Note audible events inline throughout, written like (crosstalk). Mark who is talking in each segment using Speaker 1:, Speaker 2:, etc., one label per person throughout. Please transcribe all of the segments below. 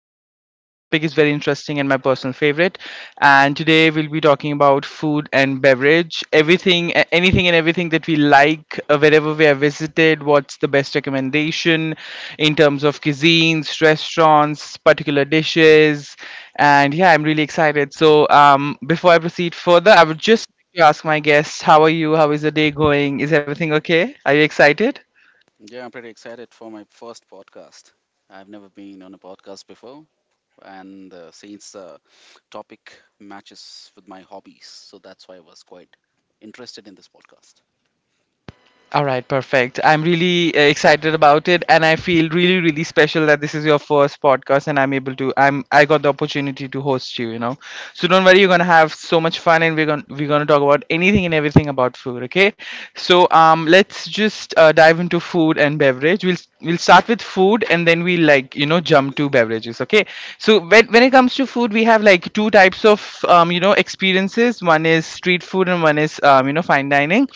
Speaker 1: the topic is very interesting and my personal favorite. And today we'll be talking about food and beverage, everything, anything and everything that we like, wherever we have visited. What's the best recommendation in terms of cuisines, restaurants, particular dishes, and yeah, I'm really excited. So before I proceed further, I would just to ask my guests, how are you? How is the day going? Is everything okay? Are you excited?
Speaker 2: Yeah, I'm pretty excited for my first podcast. I've never been on a podcast before, and since the topic matches with my hobbies, so that's why I was quite interested in this podcast.
Speaker 1: All right, perfect. I'm really excited about it, and I feel really, really special that this is your first podcast, and I'm able to. I'm. I got the opportunity to host you. You know, so don't worry. You're gonna have so much fun, and we're gonna talk about anything and everything about food. Okay, so let's just dive into food and beverage. We'll start with food, and then we like you know jump to beverages. Okay, so when it comes to food, we have like two types of you know experiences. One is street food and one is you know fine dining.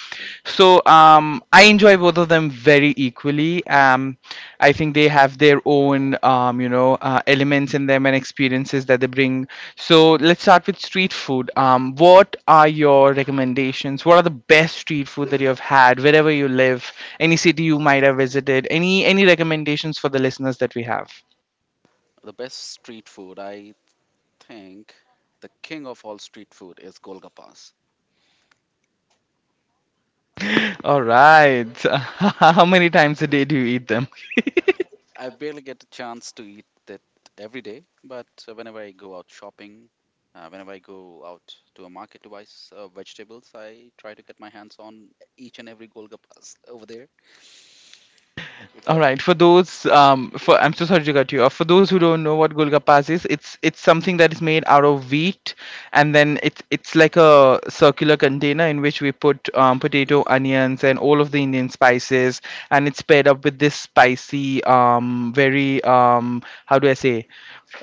Speaker 1: So I enjoy both of them very equally, I think they have their own you know elements in them and experiences that they bring. So let's start with street food. What are your recommendations? What are the best street food that you have had wherever you live, any city you might have visited, any recommendations for the listeners that we have?
Speaker 2: The best street food, I think, the king of all street food is Golgappas.
Speaker 1: (laughs) All right. (laughs) How many times a day do you eat them?
Speaker 2: I barely get a chance to eat it every day, but whenever I go out shopping, whenever I go out to a market to buy vegetables, I try to get my hands on each and every Golgappas over there.
Speaker 1: All
Speaker 2: Because
Speaker 1: right. For those, for I'm so sorry to cut you off. For those who don't know what golgappas is, it's something that is made out of wheat, and then it's like a circular container in which we put potato, onions, and all of the Indian spices, and it's paired up with this spicy, very how do I say,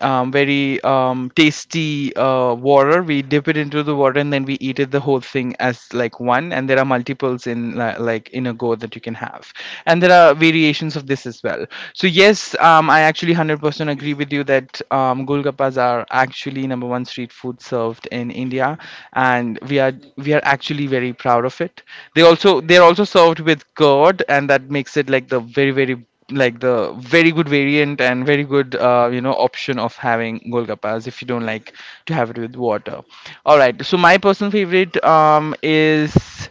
Speaker 1: very tasty water. We dip it into the water, and then we eat it the whole thing as like one. And there are multiples in like in a go that you can have, and there are variations of this as well. So yes, I actually 100% agree with you that golgappas are actually number one street food served in India, and we are actually very proud of it. They're also served with curd, and that makes it like the very good variant and very good you know option of having golgappas if you don't like to have it with water. All right, so my personal favorite is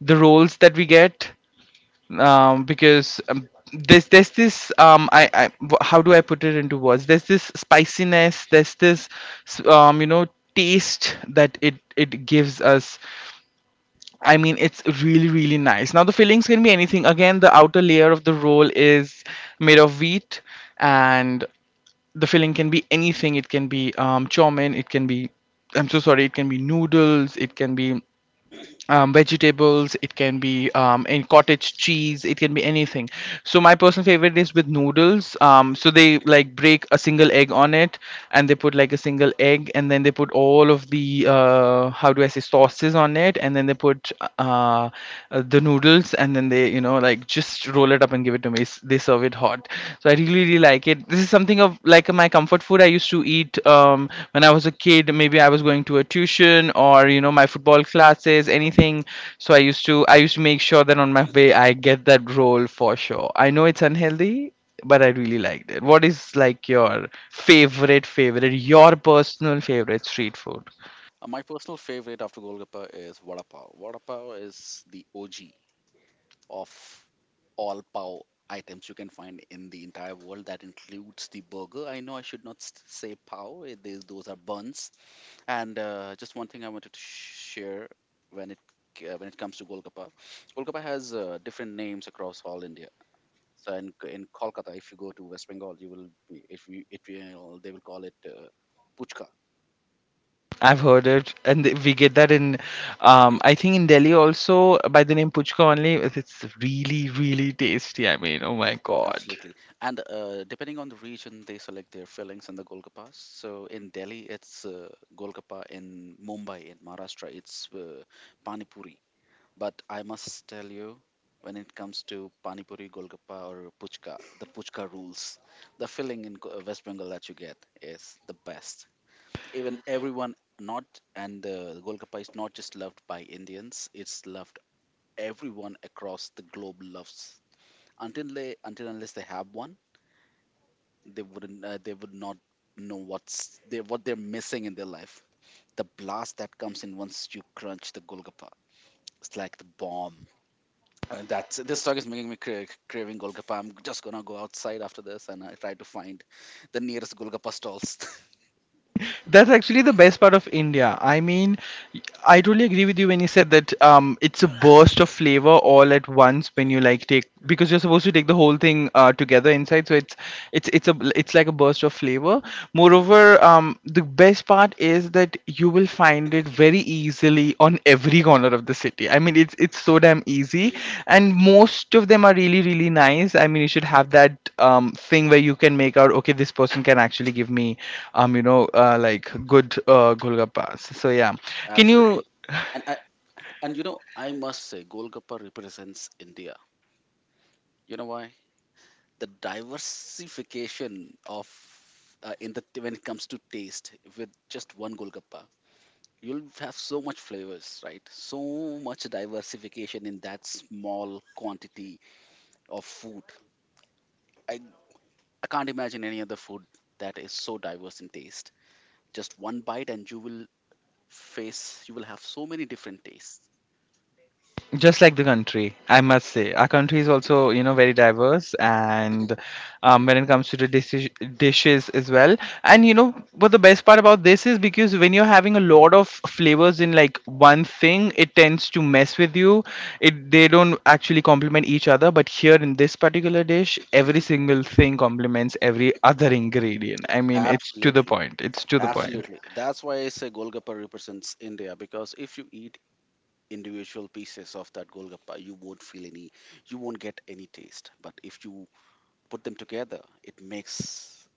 Speaker 1: the rolls that we get, because there's this how do I put it into words? There's this spiciness. There's this you know taste that it gives us. I mean, it's really really nice. Now the fillings can be anything. Again, the outer layer of the roll is made of wheat, and the filling can be anything. It can be chow mein. It can be I'm so sorry. It can be noodles. It can be vegetables, it can be in cottage cheese, it can be anything. So my personal favorite is with noodles. So they like break a single egg on it, and they put like a single egg, and then they put all of the how do I say sauces on it, and then they put uh, the noodles, and then they you know like just roll it up and give it to me. They serve it hot. So I really really like it. This is something of like my comfort food I used to eat when I was a kid, maybe I was going to a tuition or you know my football classes, anything. So I used to make sure that on my way I get that roll for sure. I know it's unhealthy, but I really liked it. What is like your favorite your personal favorite street food?
Speaker 2: My personal favorite after Golgappa is Vada Pav. Vada Pav is the OG of all pav items you can find in the entire world. That includes the burger. I know I should not say pav, it is, those are buns. And just one thing I wanted to share when when it comes to Golgappa, Golgappa has different names across all India. So in Kolkata, if you go to West Bengal, you will be, if you, they will call it puchka.
Speaker 1: I've heard it, and we get that in I think in Delhi also by the name Puchka only. It's really, really tasty. I mean, oh my god.
Speaker 2: Absolutely. And depending on the region, they select their fillings and the golgappas. So in Delhi, it's golgappa. In Mumbai, in Maharashtra, it's pani puri. But I must tell you, when it comes to pani puri, golgappa, or puchka, the puchka rules. The filling in West Bengal that you get is the best. Even everyone not and golgappa is not just loved by Indians. It's loved everyone across the globe loves. Until unless they have one, they wouldn't they would not know what they're missing in their life. The blast that comes in once you crunch the golgappa, it's like the bomb. And that's this talk is making me craving golgappa. I'm just gonna go outside after this and I try to find the nearest golgappa stalls. (laughs)
Speaker 1: That's actually the best part of India. I mean, I totally agree with you when you said that it's a burst of flavor all at once when you like take because you're supposed to take the whole thing together inside. So it's like a burst of flavor.
Speaker 2: Mm.
Speaker 1: Moreover, the best part is that you will find it very easily on every corner of the city. I mean, it's so damn easy, and most of them are really really nice. I mean, you should have that thing where you can make out, okay, this person can actually give me, you know, like good golgappas. So yeah, can you
Speaker 2: Absolutely, and and you know I must say golgappa represents India. You know why? The diversification of in the when it comes to taste with just one golgappa. You'll have so much flavors, right? So much diversification in that small quantity of food. I, I can't imagine any other food that is so diverse in taste. Just one bite, and you will have so many different tastes.
Speaker 1: just like the country, I must say our country is also you know very diverse, and when it comes to the dishes as well. And you know what the best part about this is, because when you're having a lot of flavors in like one thing, it tends to mess with you. It They don't actually complement each other, but here in this particular dish every single thing complements every other ingredient. I mean, yeah, it's to the
Speaker 2: Absolutely.
Speaker 1: point it's to the point
Speaker 2: Absolutely. That's why I say Golgappa represents India, because if you eat individual pieces of that Golgappa, you won't get any taste. But if you put them together, it makes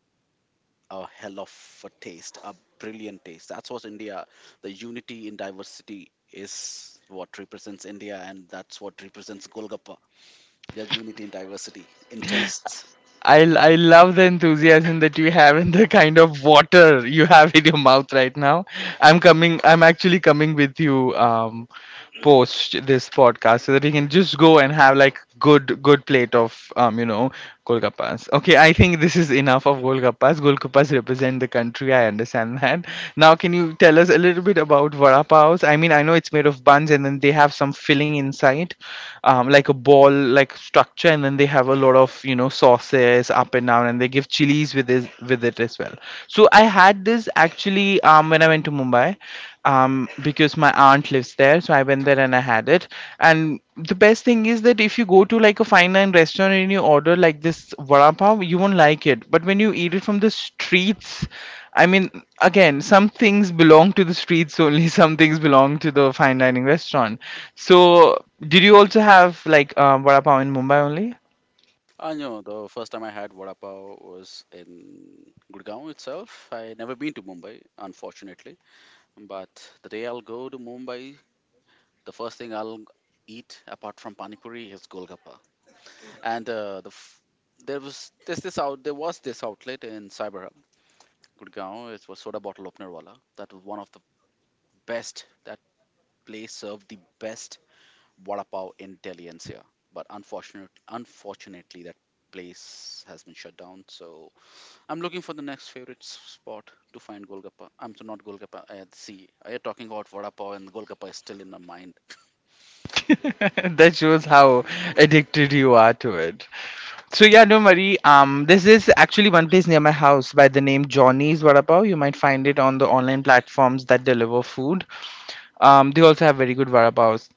Speaker 2: a hell of a taste, a brilliant taste. That's what India, the unity in diversity is what represents India, and that's what represents Golgappa, the unity in diversity, in tastes.
Speaker 1: I love the enthusiasm that you have and the kind of water you have in your mouth right now. I'm actually coming with you, post this podcast so that we can just go and have like good plate of you know golgappas. Okay, I think this is enough of golgappas. Golgappas represent the country. I understand that. Now, can you tell us a little bit about vada paos? I mean, I know it's made of buns and then they have some filling inside, like a ball like structure, and then they have a lot of you know sauces up and down, and they give chilies with this with it as well. So I had this actually when I went to Mumbai because my aunt lives there. So I went there and I had it. And the best thing is that if you go to like a fine line restaurant and you order like this vada pav, you won't like it. But when you eat it from the streets, I mean, again some things belong to the streets only. (laughs) Some things belong to the fine dining restaurant. So did you also have like vada pav in Mumbai only?
Speaker 2: I know the first time I had vada pav was in Gurgaon itself. I never been to Mumbai, unfortunately. But the day I'll go to Mumbai, the first thing I'll eat apart from pani puri is golgappa. And there's this out there was this outlet in Cyber Gurgaon. It was Soda Bottle Opener Wala. That was one of the best. That place served the best vada pav in Delhi NCR. But unfortunately, that place has been shut down. So I'm looking for the next favorite spot to find Golgappa. I'm so not Golgappa. I see. I am talking about vada pav and Golgappa is still in my mind. (laughs)
Speaker 1: (laughs) That shows how addicted you are to it. So yeah, no worry. This is actually one place near my house by the name Johnny's Vada Pav. You might find it on the online platforms that deliver food. They also have very good vada pavs.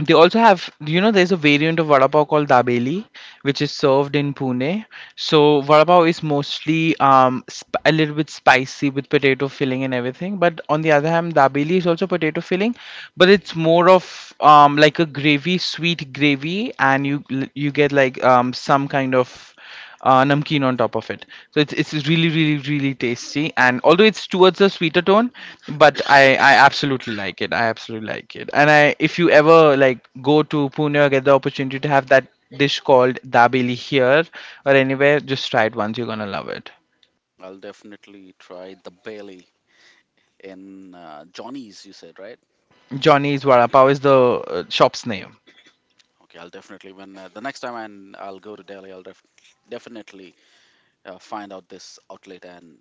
Speaker 1: They also have, you know, there's a variant of vada pav called dabeli, which is served in Pune. So vada pav is mostly a little bit spicy with potato filling and everything. But on the other hand, dabeli is also potato filling, but it's more of like a gravy, sweet gravy, and you get like some kind of namkeen on top of it. So it's really really really tasty, and although it's towards a sweeter tone, but I absolutely like it. I absolutely like it. And I if you ever like go to Pune or get the opportunity to have that dish called dabeli here or anywhere, just try it once. You're gonna love it.
Speaker 2: I'll definitely try the Bailey in Johnny's. You said right?
Speaker 1: Johnny's Vada Pav is the shop's name.
Speaker 2: Okay, I'll definitely when the next time I'll go to Delhi, definitely find out this outlet and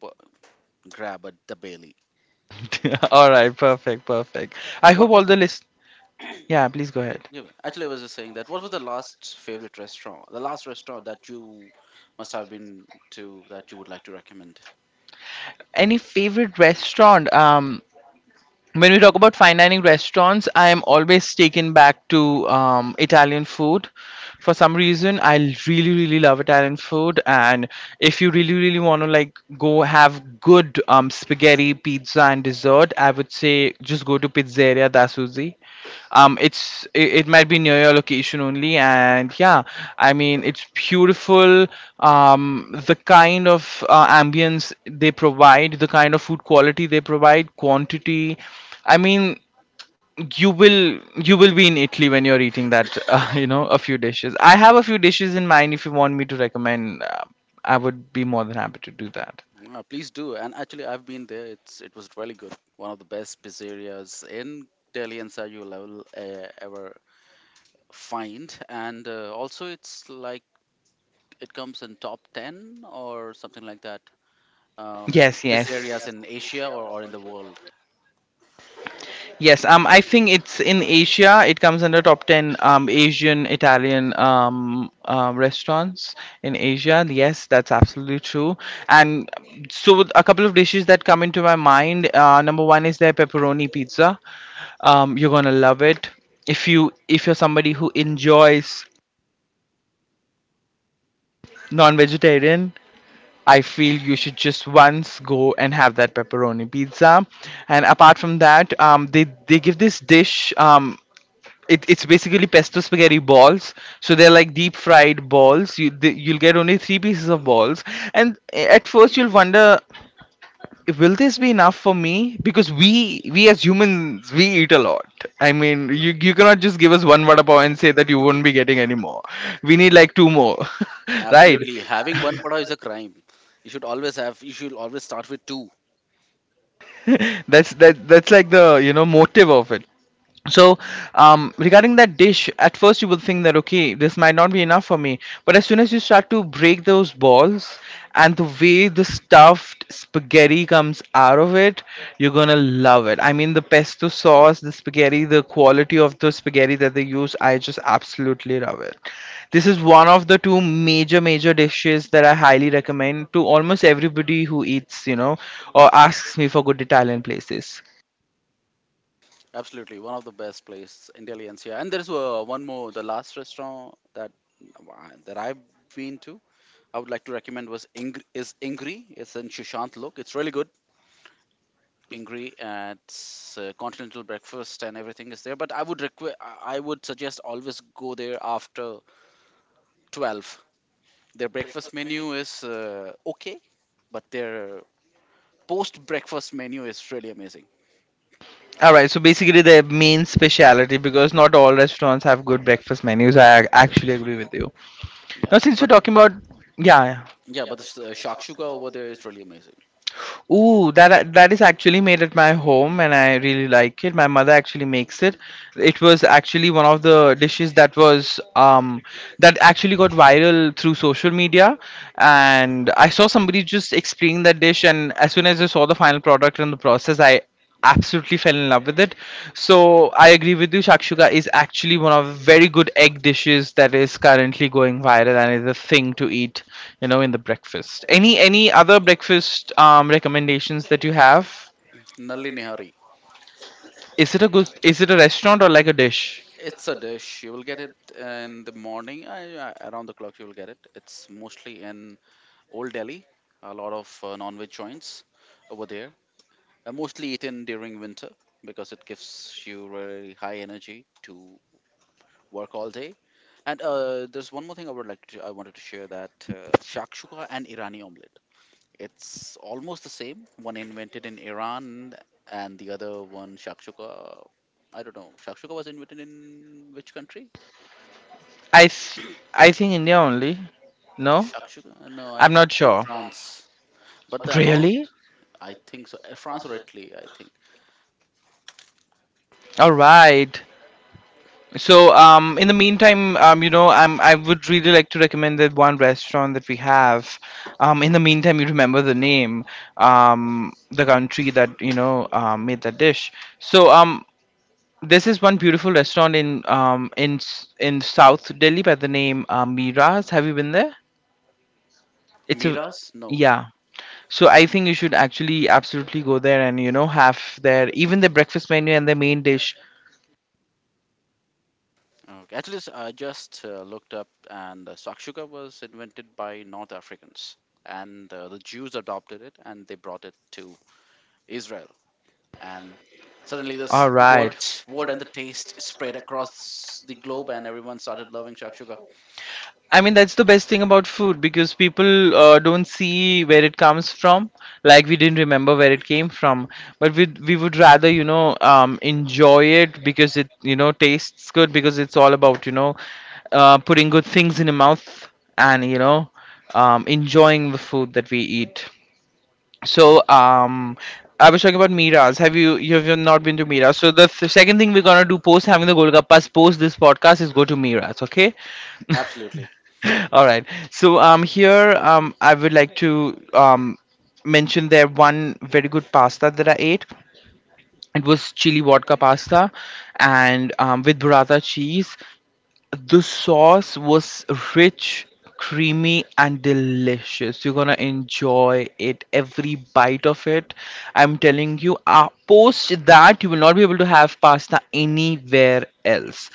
Speaker 2: pu- grab at the Bailey.
Speaker 1: (laughs) All
Speaker 2: Okay.
Speaker 1: right, perfect, perfect.
Speaker 2: So
Speaker 1: I
Speaker 2: what
Speaker 1: hope
Speaker 2: was
Speaker 1: all the list. Yeah, please go ahead.
Speaker 2: yeah, actually I was just saying, that what was the last favorite restaurant, the last restaurant that you must have been to that you would like to recommend?
Speaker 1: Any favorite restaurant? When we talk about fine dining restaurants, I am always taken back to Italian food. For some reason, I really, really love Italian food. And if you really, really want to like go have good spaghetti, pizza, and dessert, I would say just go to Pizzeria da Suzy. It might be near your location only. And yeah, I mean it's beautiful. The kind of ambience they provide, the kind of food quality they provide, quantity, I mean, you will be in Italy when you're eating that. (laughs) You know a few dishes, I have a few dishes in mind. If you want me to recommend, I would be more than happy to do that.
Speaker 2: Please do. And actually I've been there. It's it was really good. One of the best pizzerias in Delhi and Sir you'll ever, ever find. And also it's like it comes in top 10 or something like that. Um,
Speaker 1: Yes, yes.
Speaker 2: pizzerias in Asia, or in the world.
Speaker 1: Yes, I think it's in Asia. It comes under top 10 Asian Italian restaurants in Asia. Yes, that's absolutely true. And so, a couple of dishes that come into my mind. Number one is their pepperoni pizza. You're gonna love it if you're somebody who enjoys non-vegetarian. I feel you should just once go and have that pepperoni pizza. And apart from that, they give this dish. It's basically pesto spaghetti balls, so they're like deep fried balls. You'll get only three pieces of balls, and at first you'll wonder, will this be enough for me? Because we as humans we eat a lot. I mean, you cannot just give us one vada pav and say that you won't be getting any more. We need like two more. (laughs) Right.
Speaker 2: Absolutely. Having one pada is a crime. You should always start with two.
Speaker 1: (laughs) That's like the motive of it. So regarding that dish, at first you will think that okay, this might not be enough for me, but as soon as you start to break those balls and the way the stuffed spaghetti comes out of it, you're gonna love it. I mean, the pesto sauce, the spaghetti, the quality of the spaghetti that they use, I just absolutely love it. This is one of the two major major dishes that I highly recommend to almost everybody who eats, or asks me for good Italian places.
Speaker 2: Absolutely. One of the best place in Delhi NCR. And there's one more, the last restaurant that that I've been to, I would like to recommend was Ingri. It's in Shushant Lok. It's really good. Ingri, and it's continental breakfast and everything is there. But I would suggest always go there after 12. Their breakfast menu is okay, but their post breakfast menu is really amazing.
Speaker 1: All right, so basically the main speciality, because not all restaurants have good breakfast menus. I actually agree with you.
Speaker 2: Yeah,
Speaker 1: Now, since you're
Speaker 2: but
Speaker 1: talking about. Yeah, yeah.
Speaker 2: Shakshuka over there is really amazing.
Speaker 1: Ooh, that is actually made at my home, and I really like it. My mother actually makes it. It was actually one of the dishes that was that actually got viral through social media, and I saw somebody just explaining that dish, and as soon as I saw the final product and the process, I absolutely fell in love with it. So I agree with you. Shakshuka is actually one of the very good egg dishes that is currently going viral and is a thing to eat, in the breakfast. Any other breakfast recommendations that you have?
Speaker 2: Nalli nihari.
Speaker 1: Is it a good? Is it a restaurant or like a dish?
Speaker 2: It's a dish. You will get it in the morning, around the clock. You will get it. It's mostly in Old Delhi. A lot of non-veg joints over there. Mostly eaten during winter because it gives you really high energy to work all day. And there's one more thing I would like to. I wanted to share that shakshuka and Irani omelet. It's almost the same. One invented in Iran and the other one shakshuka. I don't know. Shakshuka was invented in which country?
Speaker 1: I th- I think India only. No,
Speaker 2: Shakshuka? No, I
Speaker 1: I'm not
Speaker 2: think
Speaker 1: sure.
Speaker 2: France. But the amount,
Speaker 1: Really?
Speaker 2: I think so. Uh, France or Italy, I think.
Speaker 1: All right. So, in the meantime, I would really like to recommend that one restaurant that we have. In the meantime, you remember the name, the country that made that dish. So, this is one beautiful restaurant in South Delhi by the name Miraz. Have you been there? It's a.
Speaker 2: Miras? No.
Speaker 1: Yeah. So I think you should actually absolutely go there and have their, even their breakfast menu, and their main dish.
Speaker 2: Okay. Actually, I just looked up, and shakshuka was invented by North Africans, and the Jews adopted it and they brought it to Israel. And suddenly this
Speaker 1: All
Speaker 2: word
Speaker 1: right.
Speaker 2: word and the taste spread across the globe and everyone started loving shakshuka.
Speaker 1: I mean, that's the best thing about food, because people don't see where it comes from. Like, we didn't remember where it came from, but we would rather, enjoy it because it tastes good, because it's all about putting good things in your mouth and enjoying the food that we eat. So I was talking about Miras. Have you have not been to Miras? So second thing we're gonna do post having the Golgappas, post this podcast, is go to Miras. Okay. (laughs)
Speaker 2: Absolutely.
Speaker 1: All right. So here I would like to mention there one very good pasta that I ate. It was chili vodka pasta and with burrata cheese. The sauce was rich, creamy, and delicious. You're gonna enjoy it, every bite of it. I'm telling you, post that, you will not be able to have pasta anywhere else.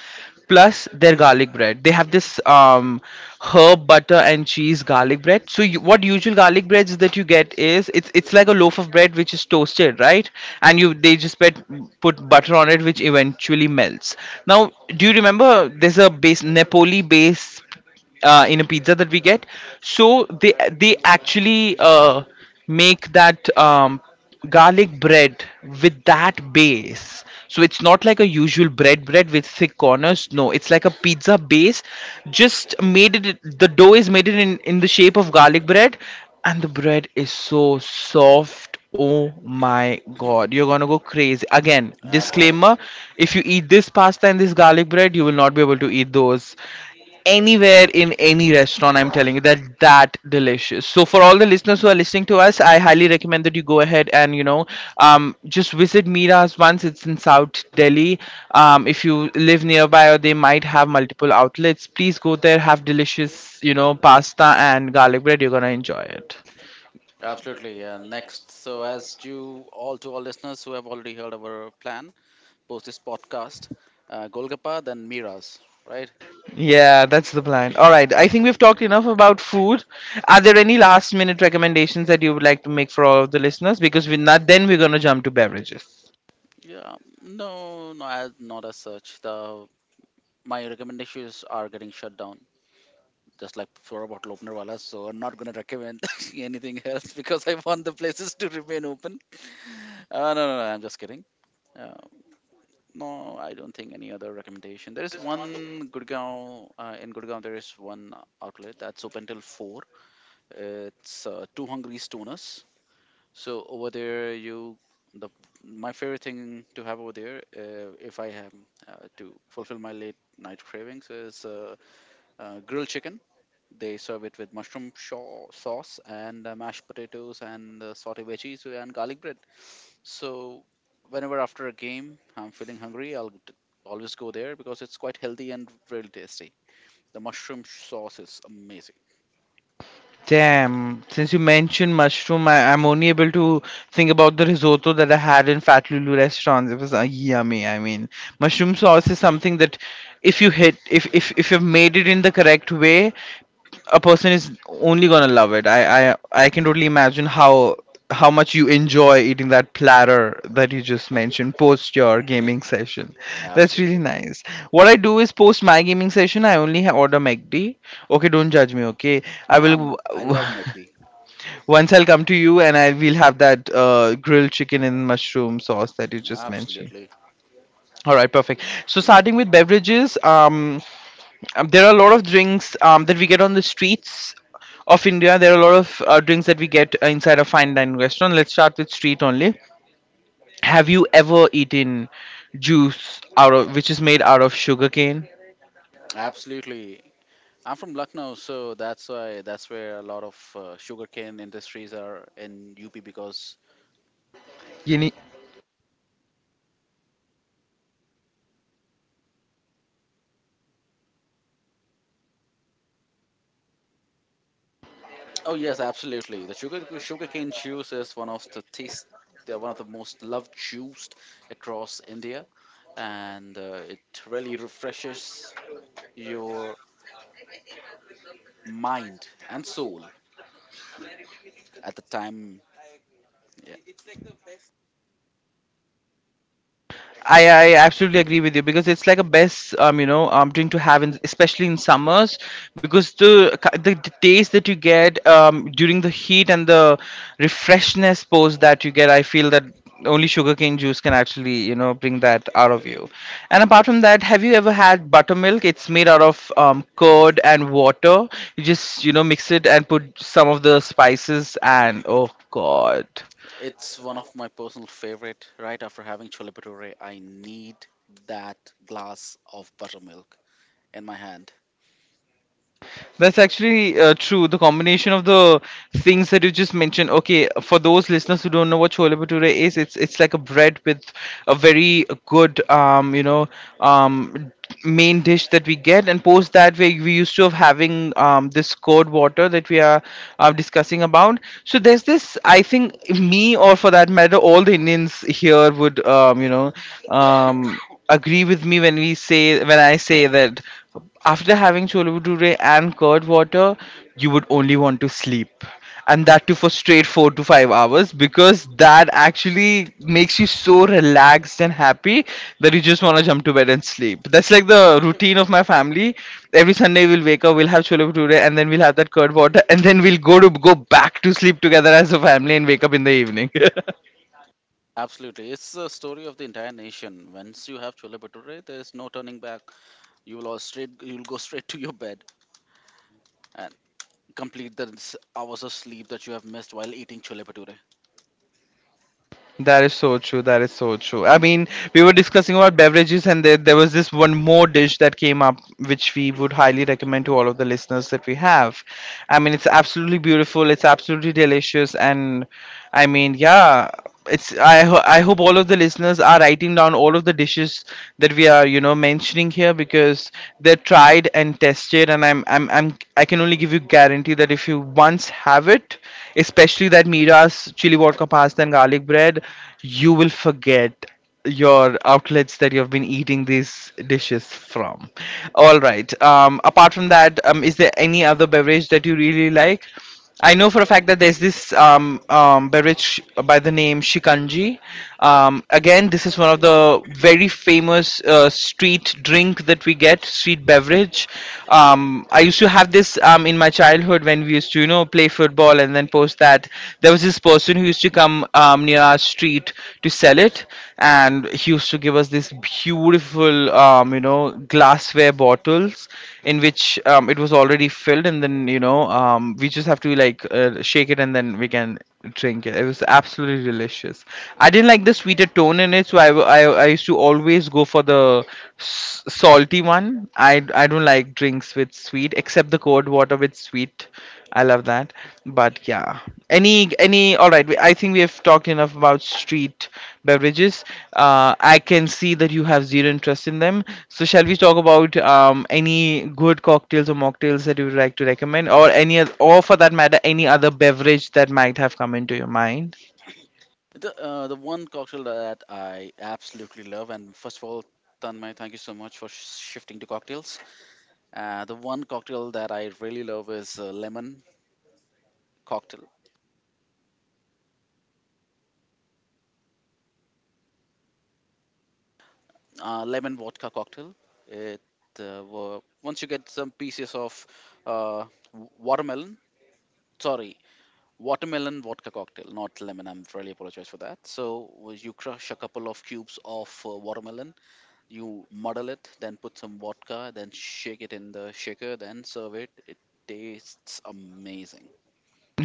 Speaker 1: Plus, their garlic bread. They have this herb butter and cheese garlic bread. So, what usual garlic breads that you get is it's like a loaf of bread which is toasted, right? And you they just put butter on it, which eventually melts. Now, do you remember there's a base, Napoli base, in a pizza that we get? So they actually make that garlic bread with that base. So it's not like a usual bread bread with thick corners. No, it's like a pizza base. Just made it. The dough is made it in the shape of garlic bread, and the bread is so soft left. Oh my god, you're gonna go crazy. Again,
Speaker 2: Absolutely.
Speaker 1: disclaimer, if you eat this pasta and this garlic bread, you will not be able to eat those anywhere in any restaurant. I'm telling you that that delicious. So for all the listeners who are listening to us, I highly recommend that you go ahead and just visit Mira's once. It's in South Delhi. If you live nearby, or they might have multiple outlets, please go there, have delicious, pasta and garlic bread. You're gonna enjoy it.
Speaker 2: Absolutely. And next, so as you all, to all listeners who have already heard our plan, post this podcast, golgappa then miras, right?
Speaker 1: Yeah, that's the plan. All right. I think we've talked enough about food. Are there any last minute recommendations that you would like to make for all of the listeners? Because we're not, then we're going to jump to beverages.
Speaker 2: Yeah, no, not as such. The My recommendations are getting shut down just like for a bottle opener wala, so I'm not going to recommend (laughs) anything else because I want the places to remain open. No, No, I'm just kidding. Uh, no, I don't think any other recommendation. There is one in Gurgaon, there is one outlet that's open till 4. It's Two Hungry Stoners. So over there, you the my favorite thing to have over there, if I have to fulfill my late night cravings, is grilled chicken. They serve it with mushroom shaw sauce and mashed potatoes and sauté veggies and garlic bread. So whenever after a game I'm feeling hungry, always go there because it's quite healthy and really tasty. The mushroom sauce is amazing.
Speaker 1: Damn. Since you mentioned mushroom, I'm only able to think about the risotto that I had in Fat Lulu restaurants. It was yummy. I mean, mushroom sauce is something that if you hit, if you've made it in the correct way, a person is only gonna love it. I can totally imagine how much you enjoy eating that platter that you just mentioned post your gaming session. That's
Speaker 2: Absolutely.
Speaker 1: really nice. What I do is post my gaming session, I only order McD. Okay, don't judge me. Okay, I
Speaker 2: No, I'm
Speaker 1: will.
Speaker 2: not. I
Speaker 1: (laughs)
Speaker 2: love McD.
Speaker 1: Once I'll come to you and I will have that grilled chicken and mushroom sauce that you just mentioned.
Speaker 2: Absolutely.
Speaker 1: All right, perfect. So starting with beverages, there are a lot of drinks that we get on the streets of India. There are a lot of drinks that we get inside a fine dining restaurant. Let's start with street only. Have you ever eaten juice out of which is made out of sugarcane?
Speaker 2: Absolutely. I'm from Lucknow, so that's why that's where a lot of sugarcane industries are in UP because Oh yes, absolutely. The sugarcane juice is one of the taste, one of the most loved juice across India, and it really refreshes your mind and soul at the time. Yeah.
Speaker 1: I absolutely agree with you, because it's like a best drink to have in, especially in summers, because the taste that you get during the heat and the refreshness post that you get, I feel that only sugarcane juice can actually bring that out of you. And apart from that, have you ever had buttermilk? It's made out of curd and water. You just mix it and put some of the spices, and oh god.
Speaker 2: It's one of my personal favorite. Right after having chole bhature, I need that glass of buttermilk in my hand.
Speaker 1: That's actually true. The combination of the things that you just mentioned. Okay, for those listeners who don't know what chole bhature is, it's like a bread with a very good, um, main dish that we get, and post that we used to have having this cold water that we are discussing about. So there's this. I think me, or for that matter, all the Indians here would, um, agree with me when we say when I say that after having chole bhature and curd water, you would only want to sleep. And that too for straight 4 to 5 hours, because that actually makes you so relaxed and happy that you just want to jump to bed and sleep. That's like the routine of my family. Every Sunday we'll wake up, we'll have chole bhature, and then we'll have that curd water, and then we'll go back to sleep together as a family and wake up in the evening.
Speaker 2: Absolutely, it's the story of the entire nation. Once you have chole bhature, there is no turning back. You'll go straight to your bed and complete the hours of sleep that you have missed while eating chole bhature.
Speaker 1: That is so true. That is so true. I mean, we were discussing about beverages, and there was this one more dish that came up, which we would highly recommend to all of the listeners that we have. I mean, it's absolutely beautiful. It's absolutely delicious, and I mean, yeah, it's. I hope all of the listeners are writing down all of the dishes that we are, mentioning here, because they're tried and tested, and I can only give you guarantee that if you once have it, especially that Mira's chili vodka pasta and garlic bread, you will forget your outlets that you have been eating these dishes from. All right. Apart from that, is there any other beverage that you really like? I know for a fact that there's this beverage by the name Shikanji. Again, this is one of the very famous street drink that we get, street beverage much. I used to have this in my childhood when we used to, play football and then post that. There was this person who used to come near our street to sell it, and he used to give us this beautiful, glassware bottles in which it was already filled, and then we just have to like shake it, and then we can drink it. It was absolutely delicious. I didn't like the sweeter tone in it, so I used to always go for the salty one. I don't like drinks with sweet, except the cold water with sweet. I love that. But yeah, any all right. I think we have talked enough about street beverages. I can see that you have zero interest in them. So, shall we talk about any good cocktails or mocktails that you would like to recommend, or or for that matter, any other beverage that might have come into your mind?
Speaker 2: The one cocktail that I absolutely love, and first of all, Tanmay, thank you so much for shifting to cocktails. The one cocktail that I really love is cocktail, lemon vodka cocktail. It Once you get some pieces of uh, watermelon, sorry, watermelon vodka cocktail, not lemon. I'm really apologize for that. So you crush a couple of cubes of watermelon, you muddle it, then put some vodka, then shake it in the shaker, then serve it. It tastes amazing.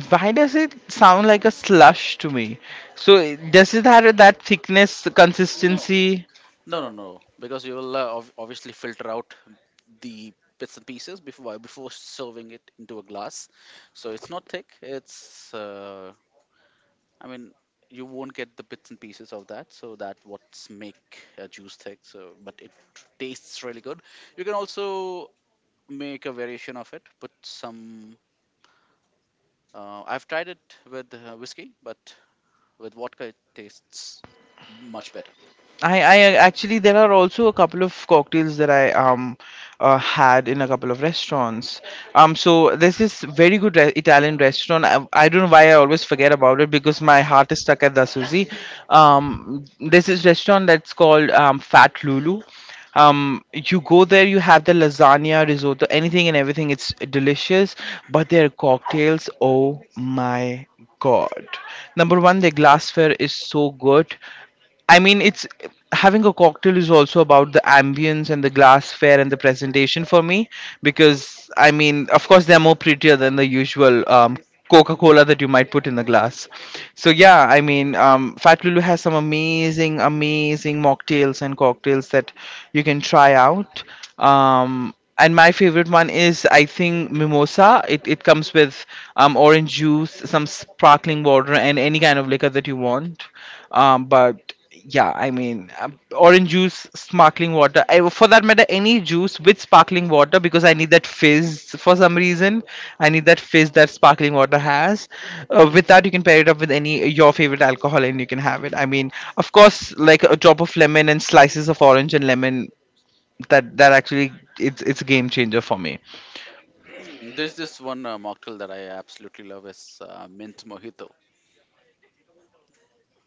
Speaker 1: Why does it sound like a slush to me? So, does it have that thickness, consistency?
Speaker 2: No, no, because you will obviously filter out the bits and pieces before serving it into a glass. So it's not thick. It's I mean, you won't get the bits and pieces of that, so that what's make a juice thick. So, but it tastes really good. You can also make a variation of it. Put some. I've tried it with whiskey, but with vodka it tastes much better.
Speaker 1: I actually there are also a couple of cocktails that I had in a couple of restaurants. So there's this very good Italian restaurant. I don't know why I always forget about it because my heart is stuck at the Suzy. There's this restaurant that's called Fat Lulu. You go there, you have the lasagna, risotto, anything and everything. It's delicious, but their cocktails, oh my God. Number one, their glassware is so good. I mean, it's having a cocktail is also about the ambience and the glassware and the presentation for me because I mean, of course, they're more prettier than the usual Coca Cola that you might put in the glass. So yeah, I mean, Fat Lulu has some amazing, amazing mocktails and cocktails that you can try out. And my favorite one is I think mimosa. It comes with orange juice, some sparkling water, and any kind of liquor that you want but yeah, I mean, orange juice, sparkling water, I, for that matter, any juice with sparkling water, because I need that fizz for some reason, I need that fizz that sparkling water has. With that you can pair it up with any your favorite alcohol and you can have it. I mean, of course, like a drop of lemon and slices of orange and lemon, that actually, it's a game changer for me.
Speaker 2: There's this one mocktail that I absolutely love is mint mojito.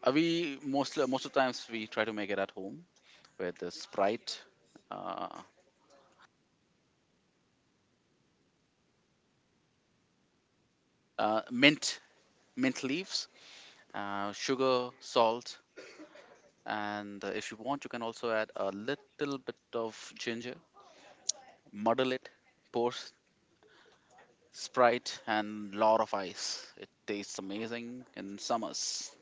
Speaker 2: We mostly, most of the times we try to make it at home with the Sprite, uh, uh, mint mint leaves, sugar, salt, and if you want, you can also add a little bit of ginger. Muddle it, pour s- Sprite, and lot of ice. It tastes amazing in summers.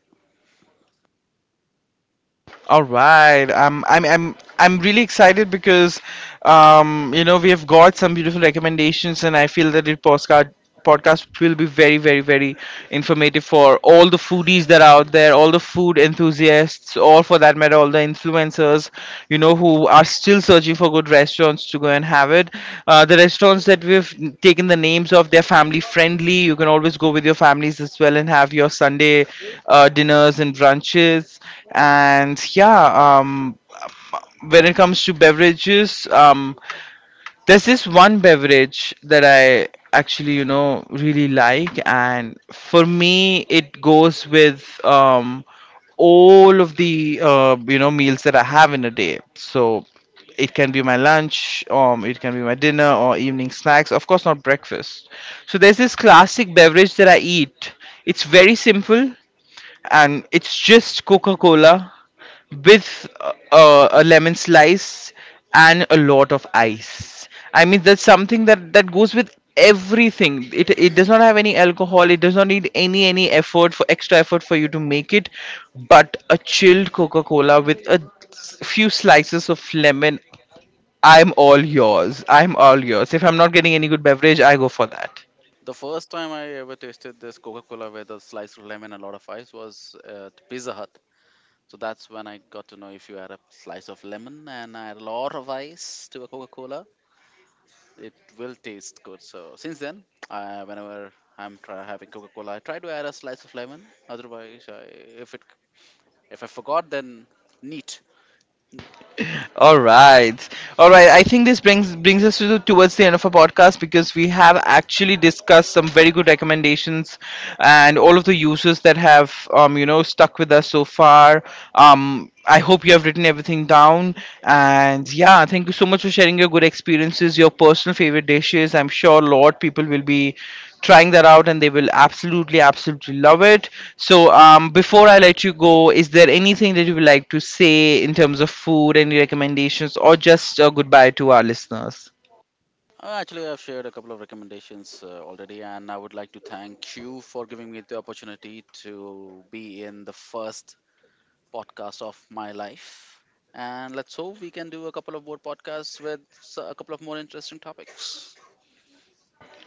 Speaker 1: All right. I'm really excited because we have got some beautiful recommendations and I feel that the postcard podcast will be very, very, very informative for all the foodies that are out there, all the food enthusiasts, or for that matter, all the influencers, you know, who are still searching for good restaurants to go and have it. The restaurants that we've taken the names of, they're family friendly. You can always go with your families as well and have your Sunday dinners and brunches. And yeah, when it comes to beverages, um, there's this one beverage that I actually, you know, really like, and for me, it goes with all of the meals that I have in a day. So it can be my lunch, it can be my dinner or evening snacks. Of course, not breakfast. So there's this classic beverage that I eat. It's very simple and it's just Coca Cola with a lemon slice and a lot of ice. I mean, that's something that goes with everything. It does not have any alcohol. It does not need any effort for extra effort for you to make it, but a chilled Coca Cola with a few slices of lemon. I'm all yours. I'm all yours. If I'm not getting any good beverage, I go for that.
Speaker 2: The first time I ever tasted this Coca-Cola with a slice of lemon and a lot of ice was at Pizza Hut. So that's when I got to know if you add a slice of lemon and add a lot of ice to a Coca-Cola, it will taste good. So since then, whenever having Coca-Cola, I try to add a slice of lemon. Otherwise, if it if I forgot, then neat.
Speaker 1: All right, all right. I think this brings us to towards the end of our podcast, because we have actually discussed some very good recommendations, and all of the users that have stuck with us so far. I hope you have written everything down. And yeah, thank you so much for sharing your good experiences, your personal favorite dishes. I'm sure a lot people will be trying that out and they will absolutely absolutely love it. So before I let you go, is there anything that you would like to say in terms of food, any recommendations, or just a goodbye to our listeners?
Speaker 2: Actually, I've shared a couple of recommendations already, and I would like to thank you for giving me the opportunity to be in the first podcast of my life. And let's hope we can do a couple of more podcasts with a couple of more interesting topics.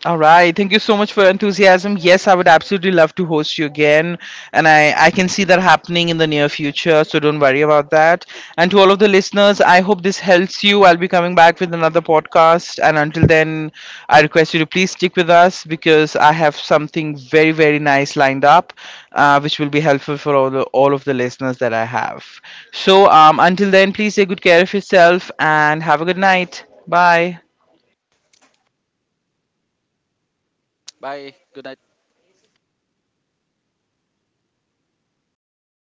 Speaker 1: All right. Thank you so much for your enthusiasm. Yes, I would absolutely love to host you again. And I can see that happening in the near future. So don't worry about that. And to all of the listeners, I hope this helps you. I'll be coming back with another podcast. And until then, I request you to please stick with us because I have something very, very nice lined up, which will be helpful for all of the listeners that I have. So until then, please take good care of yourself and have a good night. Bye.
Speaker 2: Bye. Good night.